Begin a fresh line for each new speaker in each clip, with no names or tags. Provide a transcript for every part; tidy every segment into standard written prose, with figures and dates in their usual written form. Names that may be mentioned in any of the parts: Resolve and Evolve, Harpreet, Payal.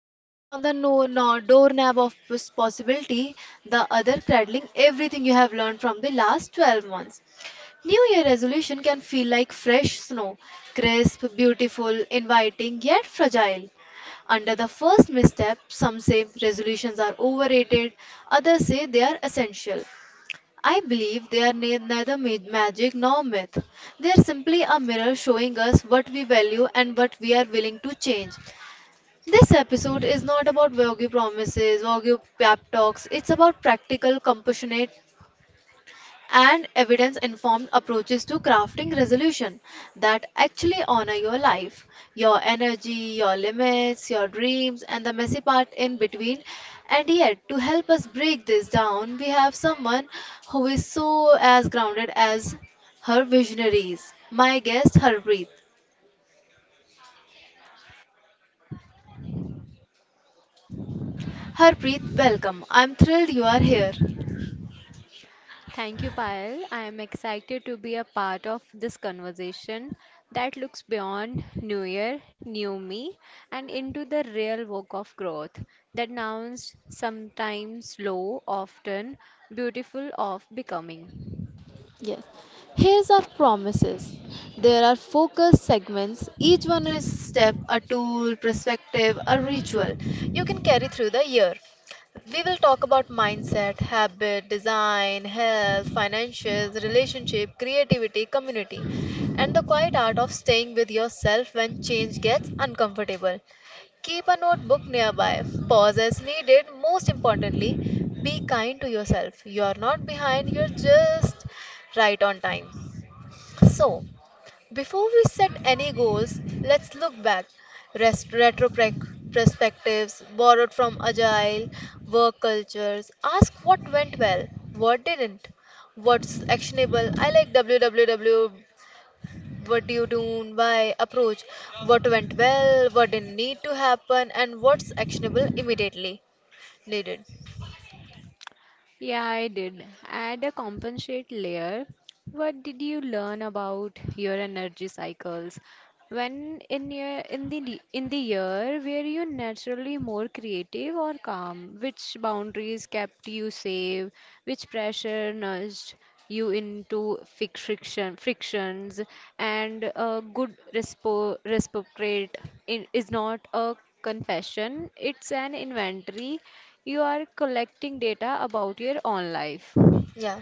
One hand on the doorknob of possibility, the other cradling everything you have learned from the last 12 months. New Year resolution can feel like fresh snow, crisp, beautiful, inviting, yet fragile. Under the first misstep, some say resolutions are overrated, others say they are essential. I believe they are neither magic nor myth. They are simply a mirror showing us what we value and what we are willing to change. This episode is not about vague promises, vague pep talks. It's about practical, compassionate and evidence informed approaches to crafting resolution that actually honor your life, your energy, your limits, your dreams, and the messy part in between. And yet, to help us break this down, we have someone who is so as grounded as her visionaries. My guest, Harpreet. Harpreet, welcome. I'm thrilled you are here.
Thank you, Payal. I am excited to be a part of this conversation that looks beyond New Year, New Me, and into the real work of growth that nouns sometimes slow, often beautiful of becoming.
Yes. Here's our promises. There are focus segments. Each one is step, a tool, perspective, a ritual you can carry through the year. We will talk about mindset, habit, design, health, financials, relationship, creativity, community, and the quiet art of staying with yourself when change gets uncomfortable. Keep a notebook nearby, pause as needed. Most importantly, be kind to yourself. You are not behind, you're just right on time. So, before we set any goals, let's look back. Rest, retro perspectives borrowed from agile work cultures. Ask what went well, what didn't, what's actionable. I like www, what do you do? Why approach? What went well? What didn't need to happen? And what's actionable immediately needed?
Yeah, I did. Add a compensate layer. What did you learn about your energy cycles? When in your in the d- in the year were you naturally more creative or calm? Which boundaries kept you safe? Which pressure nudged you into friction frictions? And a good respo reciprocate in, is not a confession; it's an inventory. You are collecting data about your own life.
Yeah.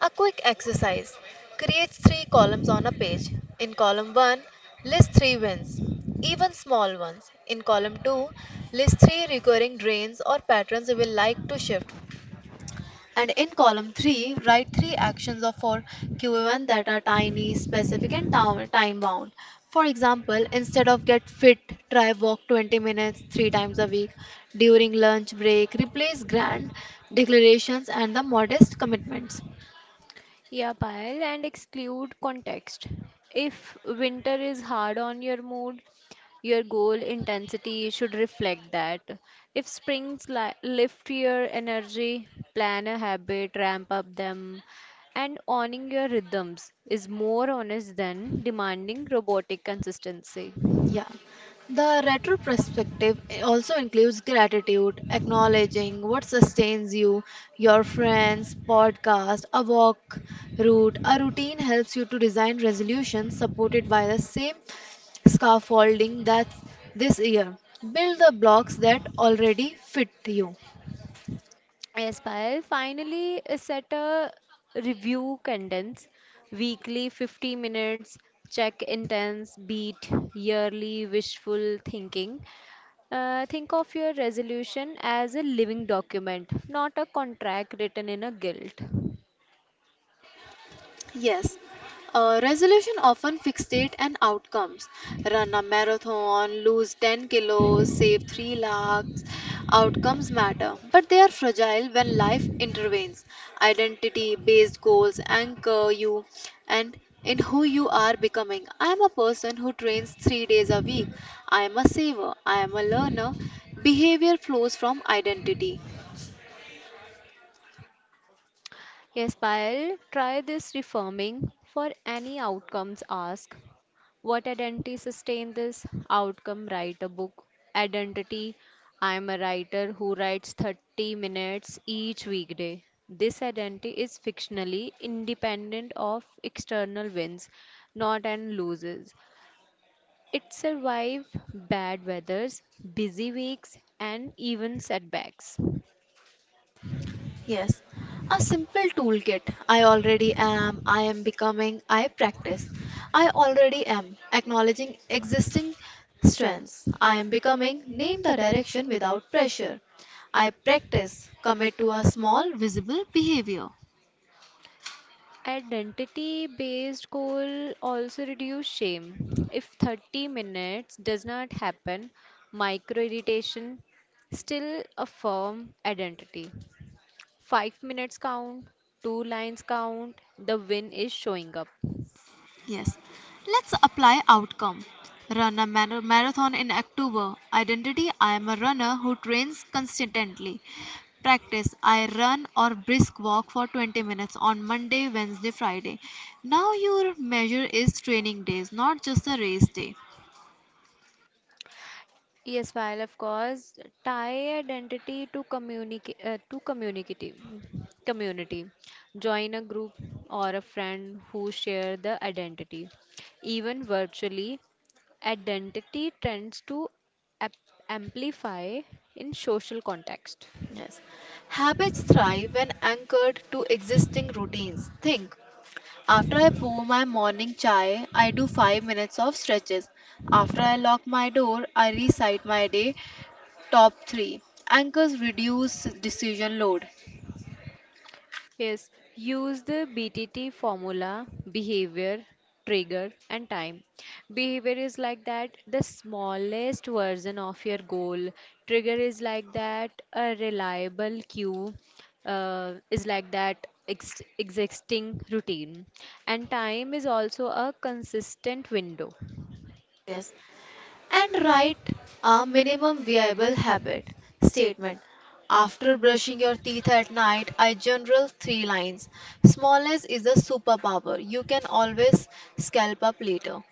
A quick exercise. Create three columns on a page. In column 1, list three wins, even small ones. In column 2, list three recurring drains or patterns you will like to shift. And in column 3, write three actions of for Q1 that are tiny, specific, and time bound. For example, instead of get fit, try walk 20 minutes three times a week. During lunch break, replace grand declarations and the modest commitments.
Yeah, Payal, and exclude context. If winter is hard on your mood, your goal intensity should reflect that. If springs lift your energy, plan a habit, ramp up them, and owning your rhythms is more honest than demanding robotic consistency.
Yeah. The retro perspective also includes gratitude, acknowledging what sustains you, your friends, podcast, a walk route. A routine helps you to design resolutions supported by the same scaffolding that this year. Build the blocks that already fit you.
Yes, Payal, finally set a review condense weekly 50 minutes check intense beat yearly wishful thinking. Think of your resolution as a living document, not a contract written in a guilt.
Yes, resolution often fixate and outcomes. Run a marathon, lose 10 kilos, save 3 lakhs. Outcomes matter, but they are fragile when life intervenes. Identity based goals anchor you and in who you are becoming. I am a person who trains 3 days a week. I am a saver. I am a learner. Behavior flows from identity.
Yes, Payal, try this reforming for any outcomes ask. What identity sustain this outcome? Write a book. Identity: I am a writer who writes 30 minutes each weekday. This identity is fictionally independent of external wins, not and loses. It survives bad weathers, busy weeks, and even setbacks.
Yes, a simple toolkit. I already am, I am becoming, I practice. I already am, acknowledging existing strengths. I am becoming, name the direction without pressure. I practice, commit to a small, visible behavior.
Identity based goal also reduce shame. If 30 minutes does not happen, micro irritation still affirm identity. 5 minutes count, 2 lines count, the win is showing up.
Yes. Let's apply outcome. Run a marathon in October. Identity I am a runner who trains consistently. Practice I run or brisk walk for 20 minutes on Monday, Wednesday, Friday. Now your measure is training days, not just a race day.
Yes, while of course tie identity to communicate to community. Join a group or a friend who share the identity, even virtually. Identity tends to ap- amplify in social context.
Yes. Habits thrive when anchored to existing routines. Think after I pour my morning chai, I do 5 minutes of stretches. After I lock my door, I recite my day Top 3 Anchors reduce decision load.
Yes, use the BTT formula: behavior, trigger, and time. Behavior is like that the smallest version of your goal, trigger is like that a reliable cue, is like that existing routine, and time is also a consistent window.
Yes. And write a minimum viable habit statement. After brushing your teeth at night, I journal three lines. Smallness is a superpower. You can always scalp up later.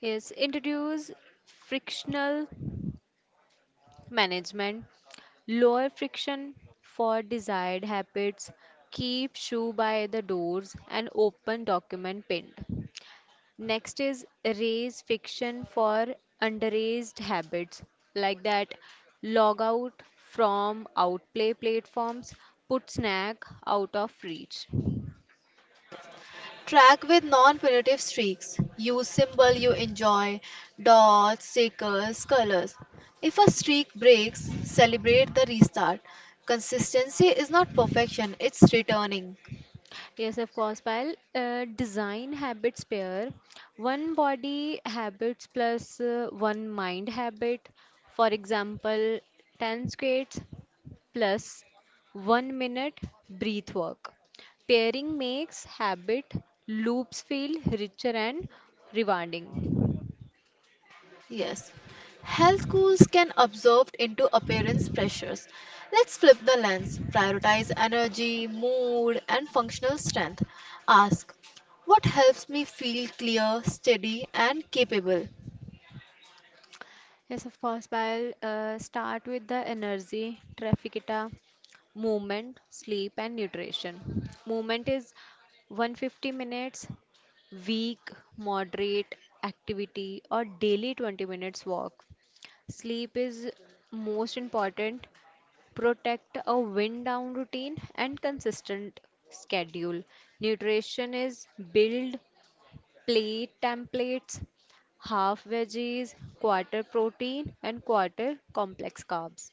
Yes, introduce frictional management, lower friction for desired habits, keep shoe by the doors and open document pinned. Next is raise friction for underage habits, like that log out from outplay platforms, put snack out of reach.
Track with non punitive streaks. Use symbol you enjoy, dots, stickers, colors. If a streak breaks, celebrate the restart. Consistency is not perfection, it's returning.
Yes, of course, pal. Design habits pair, one body habits plus one mind habit. For example, 10 squats plus 1 minute breath work. Pairing makes habit loops feel richer and rewarding.
Yes, health goals can absorb into appearance pressures. Let's flip the lens, prioritize energy, mood, and functional strength. Ask, what helps me feel clear, steady, and capable?
Yes, of course. But I'll start with the energy, trafficita, movement, sleep, and nutrition. Movement is 150 minutes, weak, moderate activity, or daily 20 minutes walk. Sleep is most important. Protect a wind down routine and consistent schedule. Nutrition is build plate templates, half veggies, quarter protein, and quarter complex carbs.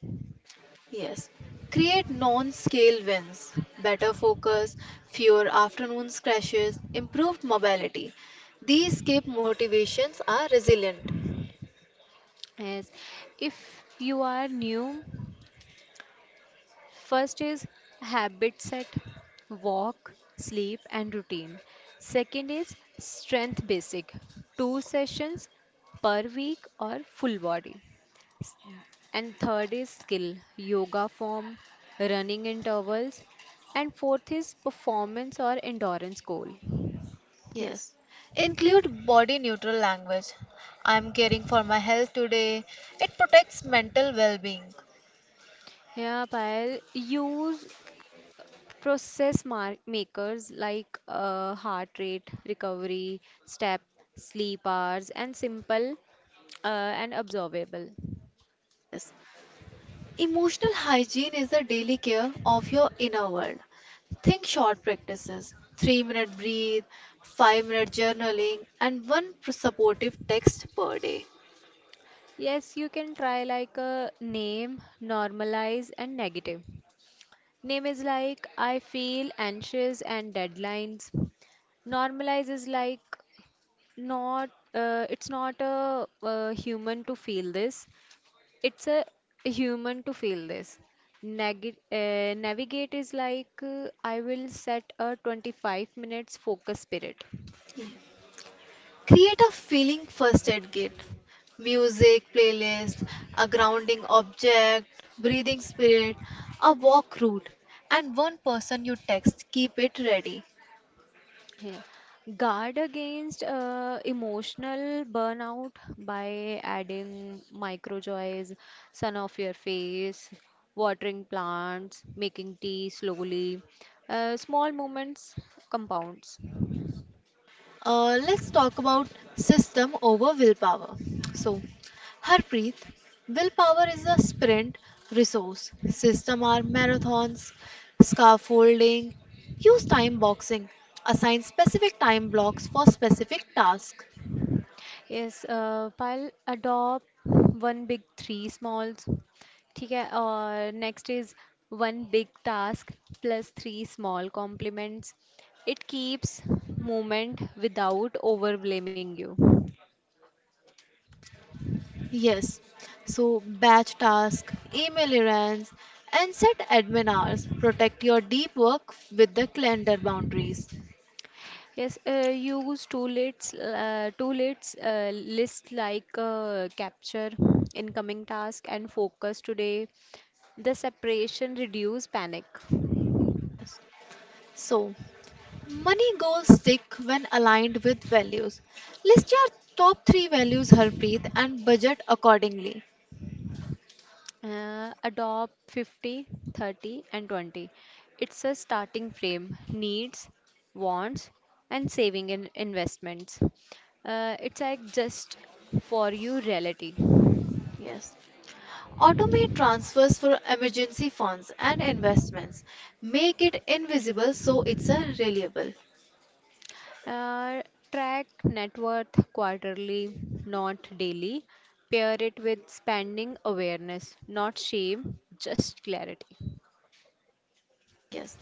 Yes, create non scale wins, better focus, fewer afternoon crashes, improved mobility. These keep motivations are resilient.
Yes, if you are new, first is habit set, walk, sleep, and routine. Second is strength basic, two sessions per week or full body. And third is skill, yoga form, running intervals. And fourth is performance or endurance goal.
Yes. Include body neutral language. I am caring for my health today. It protects mental well being.
Yeah, Payal, use process mark makers like heart rate, recovery, step, sleep hours, and simple uh, and observable.
Yes. Emotional hygiene is the daily care of your inner world. Think short practices 3-minute breathe, 5-minute journaling, and one supportive text per day.
Yes, you can try like a name, normalize, and negative. Name is like I feel anxious and deadlines. Normalize is like not, it's not a, human to feel this. It's a human to feel this. Navigate is like I will set a 25 minutes focus period.
Create a feeling first aid kit, music, playlist, a grounding object, breathing spirit, a walk route, and one person you text. Keep it ready.
Yeah. Guard against emotional burnout by adding micro joys, sun off your face, watering plants, making tea slowly. Small moments compounds.
Let's talk about system over willpower. So, Harpreet, willpower is a sprint resource. System are marathons, scaffolding, use time boxing, assign specific time blocks for specific tasks.
Yes file adopt one big three smalls, ठीक है और next is one big task plus three small complements it keeps movement without overwhelming.
Yes, so batch task, email errands, and set admin hours. Protect your deep work with the calendar boundaries.
Yes, use two lists, uh, two lists, uh, list like capture incoming task and focus today. The separation reduce panic.
So, money goals stick when aligned with values. List your top three values, Harpreet, and budget accordingly.
Adopt 50, 30, and 20. It's a starting frame: needs, wants, and saving and investments. It's like just for you reality.
Yes. Automate transfers for emergency funds and investments. Make it invisible so it's a reliable.
Uh, Track net worth quarterly, not daily. Pair it with spending awareness, not shame, just clarity.
Yes.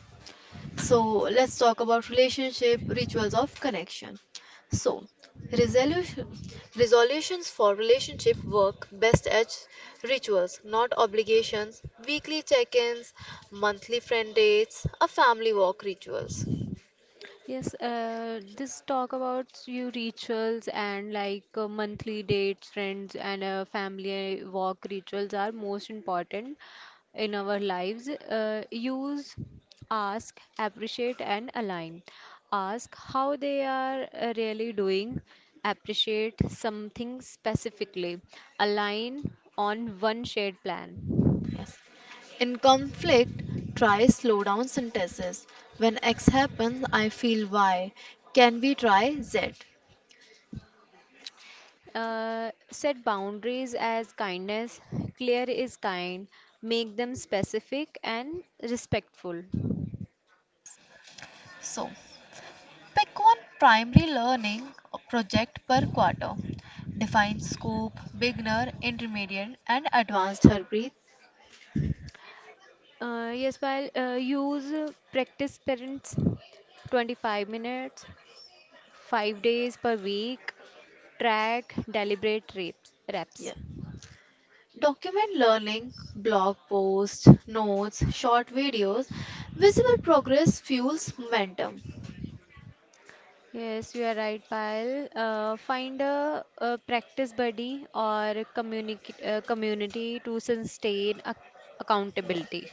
So let's talk about relationship rituals of connection. So, resolution resolutions for relationship work best as rituals, not obligations, weekly check-ins, monthly friend dates, a family walk rituals.
Yes, this talk about your rituals and like monthly dates, friends, and family walk rituals are most important in our lives. Use, ask, appreciate, and align. Ask how they are really doing, appreciate something specifically, align on one shared plan.
Yes. In conflict, try slow down sentences. When X happens, I feel Y. Can we try Z?
Set boundaries as kindness. Clear is kind. Make them specific and respectful.
So, pick one primary learning project per quarter. Define scope, beginner, intermediate, and advanced, Harpreet.
Yes, while use practice parents 25 minutes, 5 days per week. Track deliberate reps.
Yeah. Document learning, blog posts, notes, short videos. Visible progress fuels momentum.
Yes, you are right, Payal. Find a practice buddy or a community to sustain accountability.
Yeah.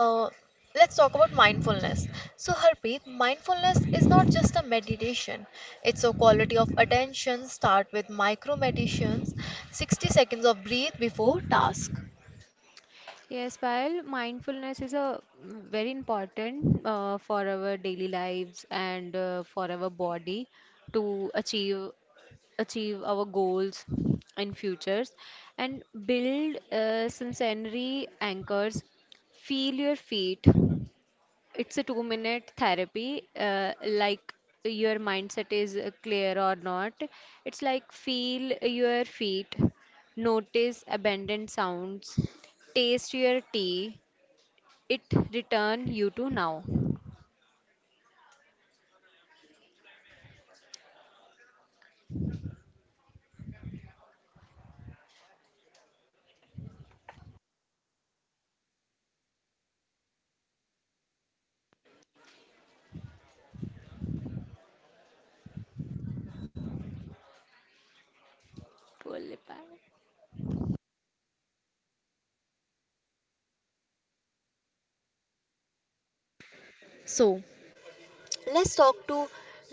Uh, let's talk about mindfulness. So, Harpreet, mindfulness is not just a meditation, it's a quality of attention. Start with micro meditations, 60 seconds of breathe before task.
Yes, Payal, mindfulness is a very important for our daily lives and for our body to achieve our goals in futures and build sensory anchors. Feel your feet, it's a 2 minute therapy, like your mindset is clear or not. It's like feel your feet, notice abandoned sounds, taste your tea. It return you to now. Pull it back.
So, let's talk to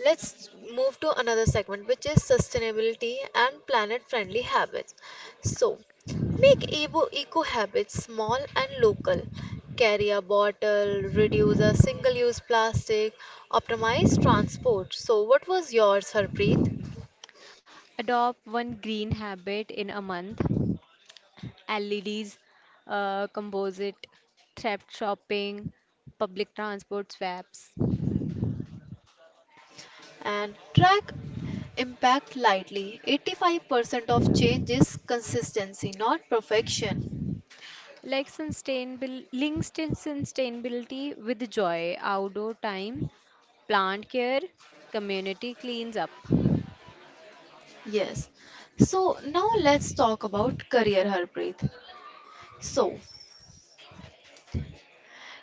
let's move to another segment, which is sustainability and planet friendly habits. So, make eco habits small and local. Carry a bottle, reduce a single use plastic, optimize transport. So what was yours, Harpreet?
Adopt one green habit in a month. LEDs, composite, thrift shopping, public transport swaps.
And track impact lightly. 85% of change is consistency, not perfection.
Like sustainable links to sustainability with joy, outdoor time, plant care, community cleans up.
Yes. So now let's talk about career, Harpreet. So,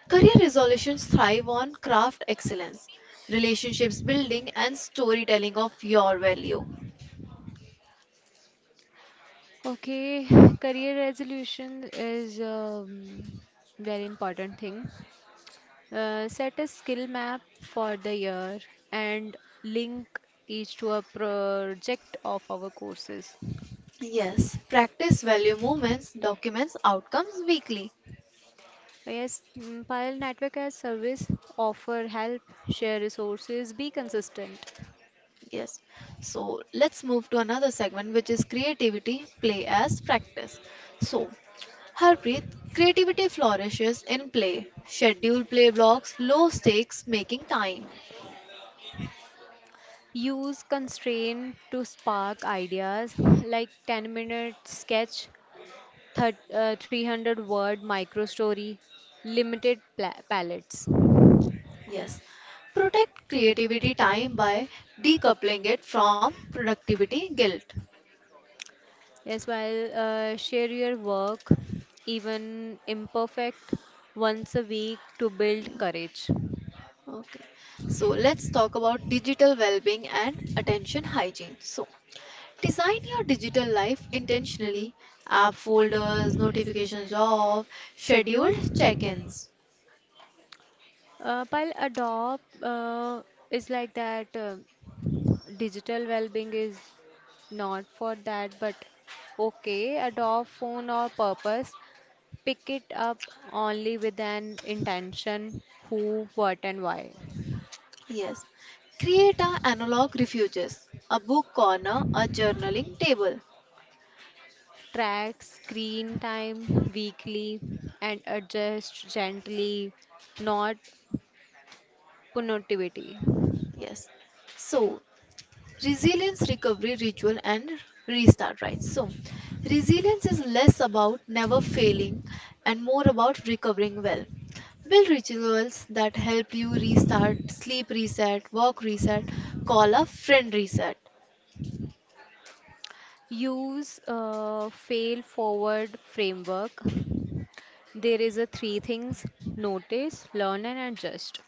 career resolutions thrive on craft excellence, relationships building, and storytelling of your value.
Okay. Career resolution is very important thing. Set a skill map for the year and link each to a project of our courses.
Yes, practice value movements, documents outcomes weekly.
Yes. Pile network as service, offer help, share resources, be consistent.
Yes. So, let's move to another segment, which is creativity, play as practice. So, Harpreet, creativity flourishes in play. Schedule play blocks, low stakes, making time.
Use constraint to spark ideas like 10-minute sketch, 300 word micro story, limited palettes.
Yes. Protect creativity time by decoupling it from productivity guilt.
Yes, while share your work, even imperfect, once a week to build courage.
Okay. So let's talk about digital well-being and attention hygiene. So, design your digital life intentionally. App folders, notifications off, scheduled check-ins.
While adopt is like that, digital well-being is not for that, but okay, adopt phone or purpose. Pick it up only with an intention: who, what, and why.
Yes. Create a analog refuges, a book corner, a journaling table.
Track screen time weekly and adjust gently, not punitivity.
Yes. So, resilience, recovery ritual and restart right. So, resilience is less about never failing and more about recovering well. Build rituals that help you restart: sleep reset, walk reset, call a friend reset.
Use a fail forward framework. There is a three things: notice, learn and adjust.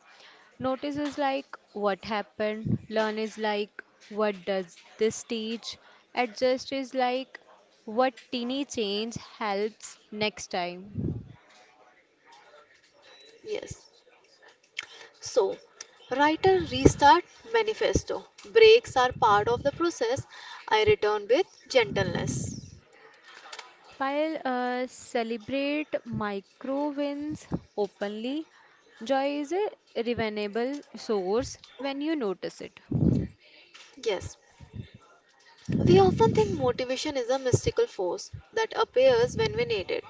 Notice is like what happened, learn is like what does this teach, adjust is like what teeny change helps next time.
Yes. So write a restart manifesto. Breaks are part of the process. I return with gentleness.
While celebrate micro wins openly, joy is a revenable source when you notice it.
Yes. We often think motivation is a mystical force that appears when we need it.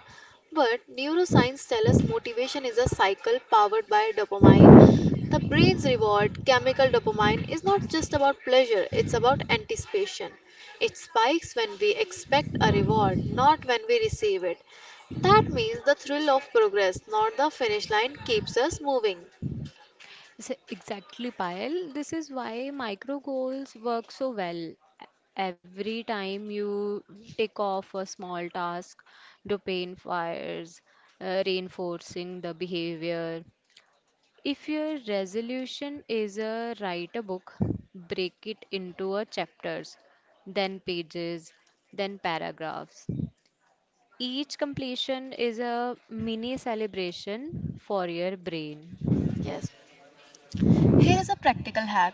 But neuroscience tells us motivation is a cycle powered by dopamine. The brain's reward, chemical dopamine, is not just about pleasure, it's about anticipation. It spikes when we expect a reward, not when we receive it. That means the thrill of progress, not the finish line, keeps us moving.
Exactly, Payal. This is why micro goals work so well. Every time you take off a small task, dopamine fires, reinforcing the behavior. If your resolution is a write a book, break it into a chapters, then pages, then paragraphs. Each completion is a mini celebration for your brain.
Yes. Here is a practical hack,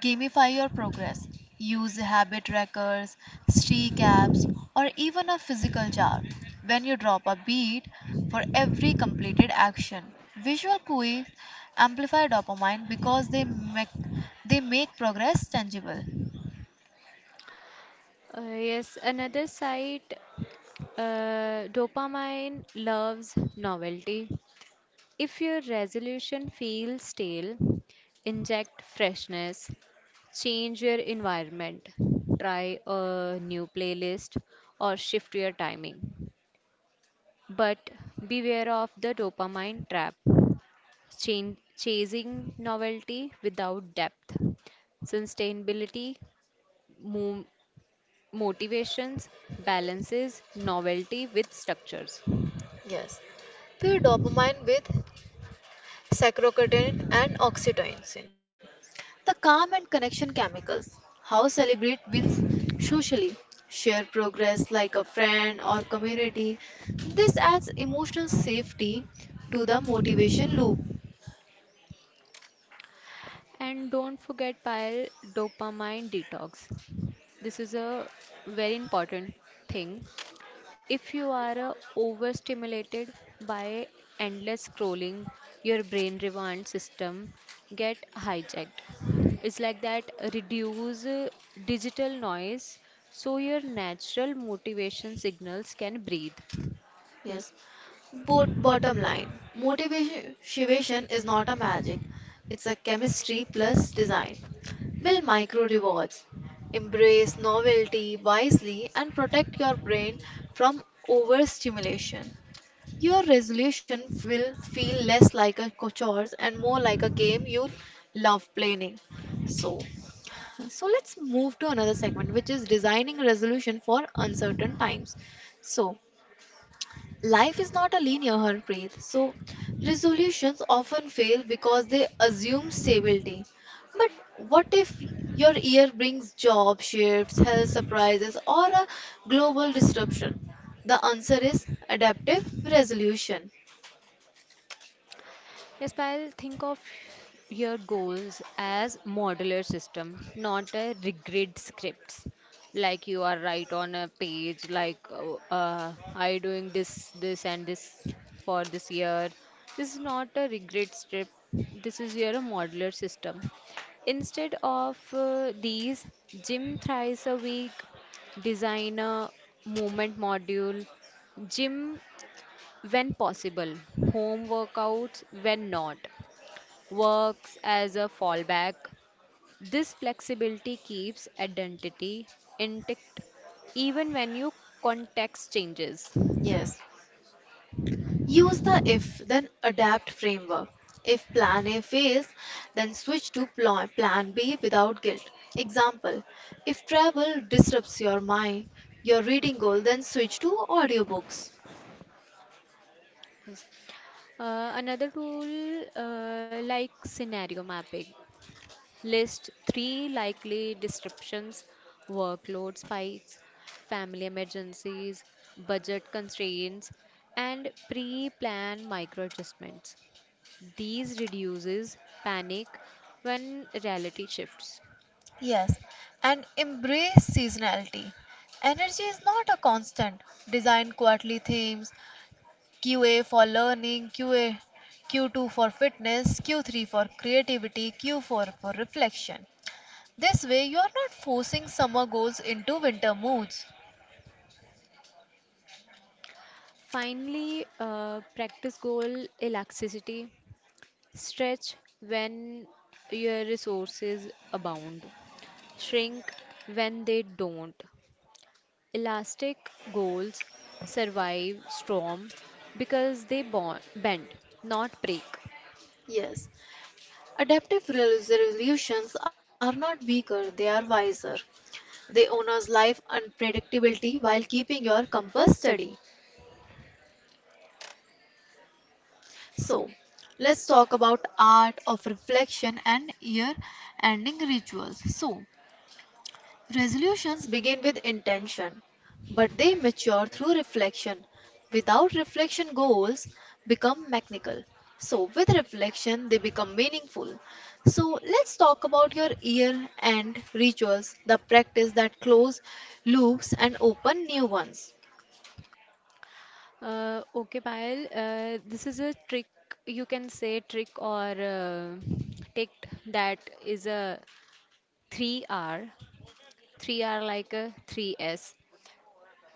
gamify your progress. Use habit trackers, streak apps, or even a physical jar. When you drop a beat for every completed action, visual cues amplify dopamine because they make progress tangible.
Yes, another side. Dopamine loves novelty. If your resolution feels stale, inject freshness, change your environment, try a new playlist, or shift your timing. But beware of the dopamine trap, chasing novelty without depth. Sustainability, mo- motivations, balances novelty with structures.
Yes. Pair dopamine with Sacrocutin and oxytocin, the calm and connection chemicals. How celebrate wins socially, share progress like a friend or community. This adds emotional safety to the motivation loop.
And don't forget pile dopamine detox. This is a very important thing. If you are overstimulated by endless scrolling, your brain reward system get hijacked. It's like that reduce digital noise so your natural motivation signals can breathe.
Yes, but bottom line, motivation is not a magic, it's a chemistry plus design. Build micro rewards, embrace novelty wisely, and protect your brain from overstimulation. Your resolution will feel less like a chore and more like a game you love playing. So, so, let's move to another segment, which is designing a resolution for uncertain times. So, life is not a linear, Harpreet. So, resolutions often fail because they assume stability. But what if your year brings job shifts, health surprises, or a global disruption? The answer is adaptive resolution.
Yes, Payal, think of your goals as modular system, not a rigid scripts. Like you are right on a page, like oh, I doing this, this, and this for this year. This is not a rigid script. This is your modular system. Instead of these, gym thrice a week, design a movement module, gym when possible, home workouts when not works as a fallback. This flexibility keeps identity intact even when your context changes.
Yes. Use the if then adapt framework. If plan A fails, then switch to plan B without guilt. Example: if travel disrupts your mind, your reading goal, then switch to audiobooks.
Yes. Another tool like scenario mapping. List three likely disruptions, workload spikes, family emergencies, budget constraints, and pre-plan micro adjustments. These reduces panic when reality shifts.
Yes. And embrace seasonality. Energy is not a constant. Design quarterly themes: QA for learning, QA, Q2 for fitness, Q3 for creativity, Q4 for reflection. This way, you are not forcing summer goals into winter moods.
Finally, practice goal elasticity. Stretch when your resources abound, shrink when they don't. Elastic goals survive storm because they bend, not break.
Yes, adaptive resolutions are not weaker, they are wiser. They honors life unpredictability while keeping your compass steady. So, let's talk about art of reflection and year ending rituals. So, resolutions begin with intention, but they mature through reflection. Without reflection, goals become mechanical. So, with reflection, they become meaningful. So, let's talk about your year end rituals, the practice that close loops and open new ones.
Okay, Payal, this is a trick, you can say trick or tick, that is a 3R, 3R like a 3S.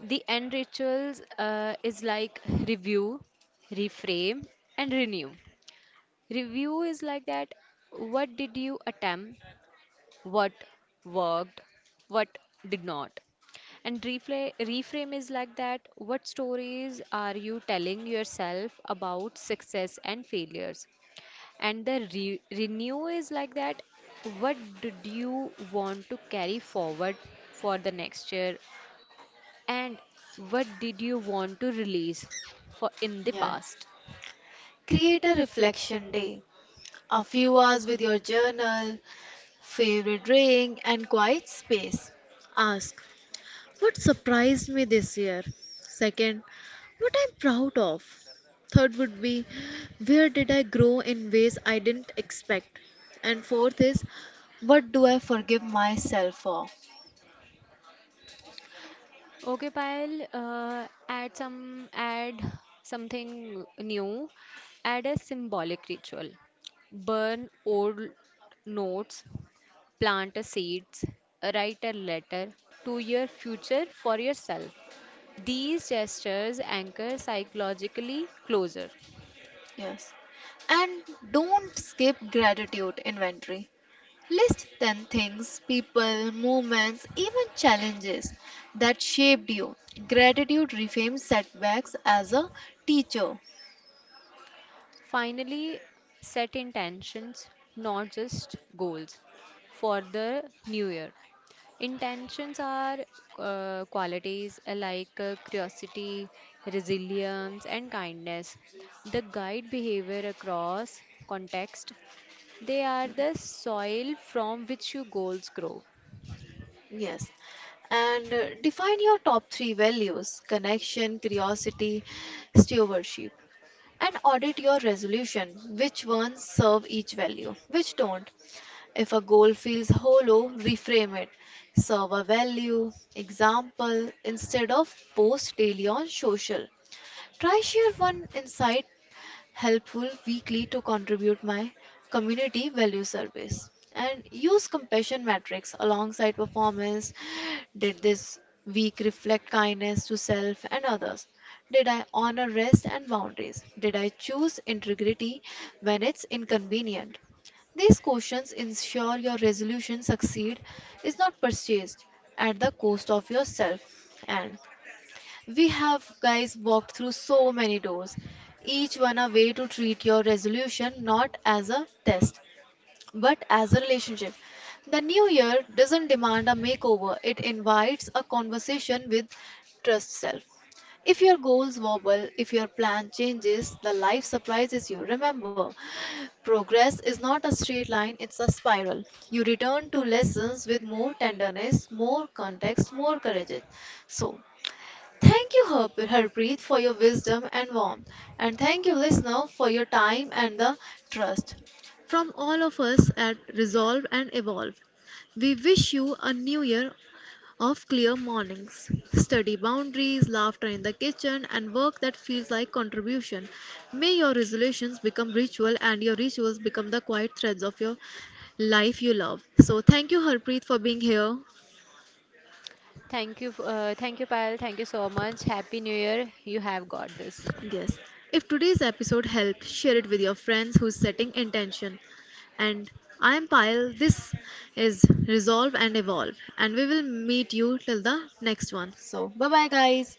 The end rituals is like review, reframe, and renew. Review is like that what did you attempt, what worked, what did not. And reframe is like that what stories are you telling yourself about success and failures? And the renew is like that what did you want to carry forward for the next year and what did you want to release for in the
Yeah.
past?
Create a reflection day, a few hours with your journal, favorite drink, and quiet space. Ask, what surprised me this year? Second, what I'm proud of. Third would be, where did I grow in ways I didn't expect? And fourth is, what do I forgive myself for?
Okay, Payal, add something new. Add a symbolic ritual. Burn old notes, plant a seeds, write a letter to your future for yourself. These gestures anchor psychologically closer.
Yes. And don't skip gratitude inventory. List 10 things, people, moments, even challenges that shaped you. Gratitude reframes setbacks as a teacher.
Finally, set intentions, not just goals, for the new year. Intentions are qualities like curiosity, resilience, and kindness. The guide behavior across context. They are the soil from which your goals grow.
Yes. And define your top three values: connection, curiosity, stewardship. And audit your resolution. Which ones serve each value? Which don't? If a goal feels hollow, reframe it. Serve a value, example, instead of post daily on social, try share one insight helpful weekly to contribute my community value service. And use compassion metrics alongside performance. Did this week reflect kindness to self and others? Did I honor rest and boundaries? Did I choose integrity when it's inconvenient? These questions ensure your resolution succeed is not purchased at the cost of yourself. And we have, guys, walked through so many doors, each one a way to treat your resolution not as a test, but as a relationship. The new year doesn't demand a makeover, it invites a conversation with trust self. If your goals wobble, if your plan changes, the life surprises you. Remember, progress is not a straight line, it's a spiral. You return to lessons with more tenderness, more context, more courage. So, thank you, Harpreet, for your wisdom and warmth. And thank you, listener, for your time and the trust. From all of us at Resolve and Evolve, we wish you a new year of clear mornings, study boundaries, laughter in the kitchen, and work that feels like contribution. May your resolutions become ritual and your rituals become the quiet threads of your life you love. So, thank you, Harpreet, for being here.
Thank you, Payal. Thank you so much. Happy New Year. You have got this.
Yes. If today's episode helped, share it with your friends who's setting intention. And I am Payal. This is Resolve and Evolve. And we will meet you till the next one. So, bye bye, guys.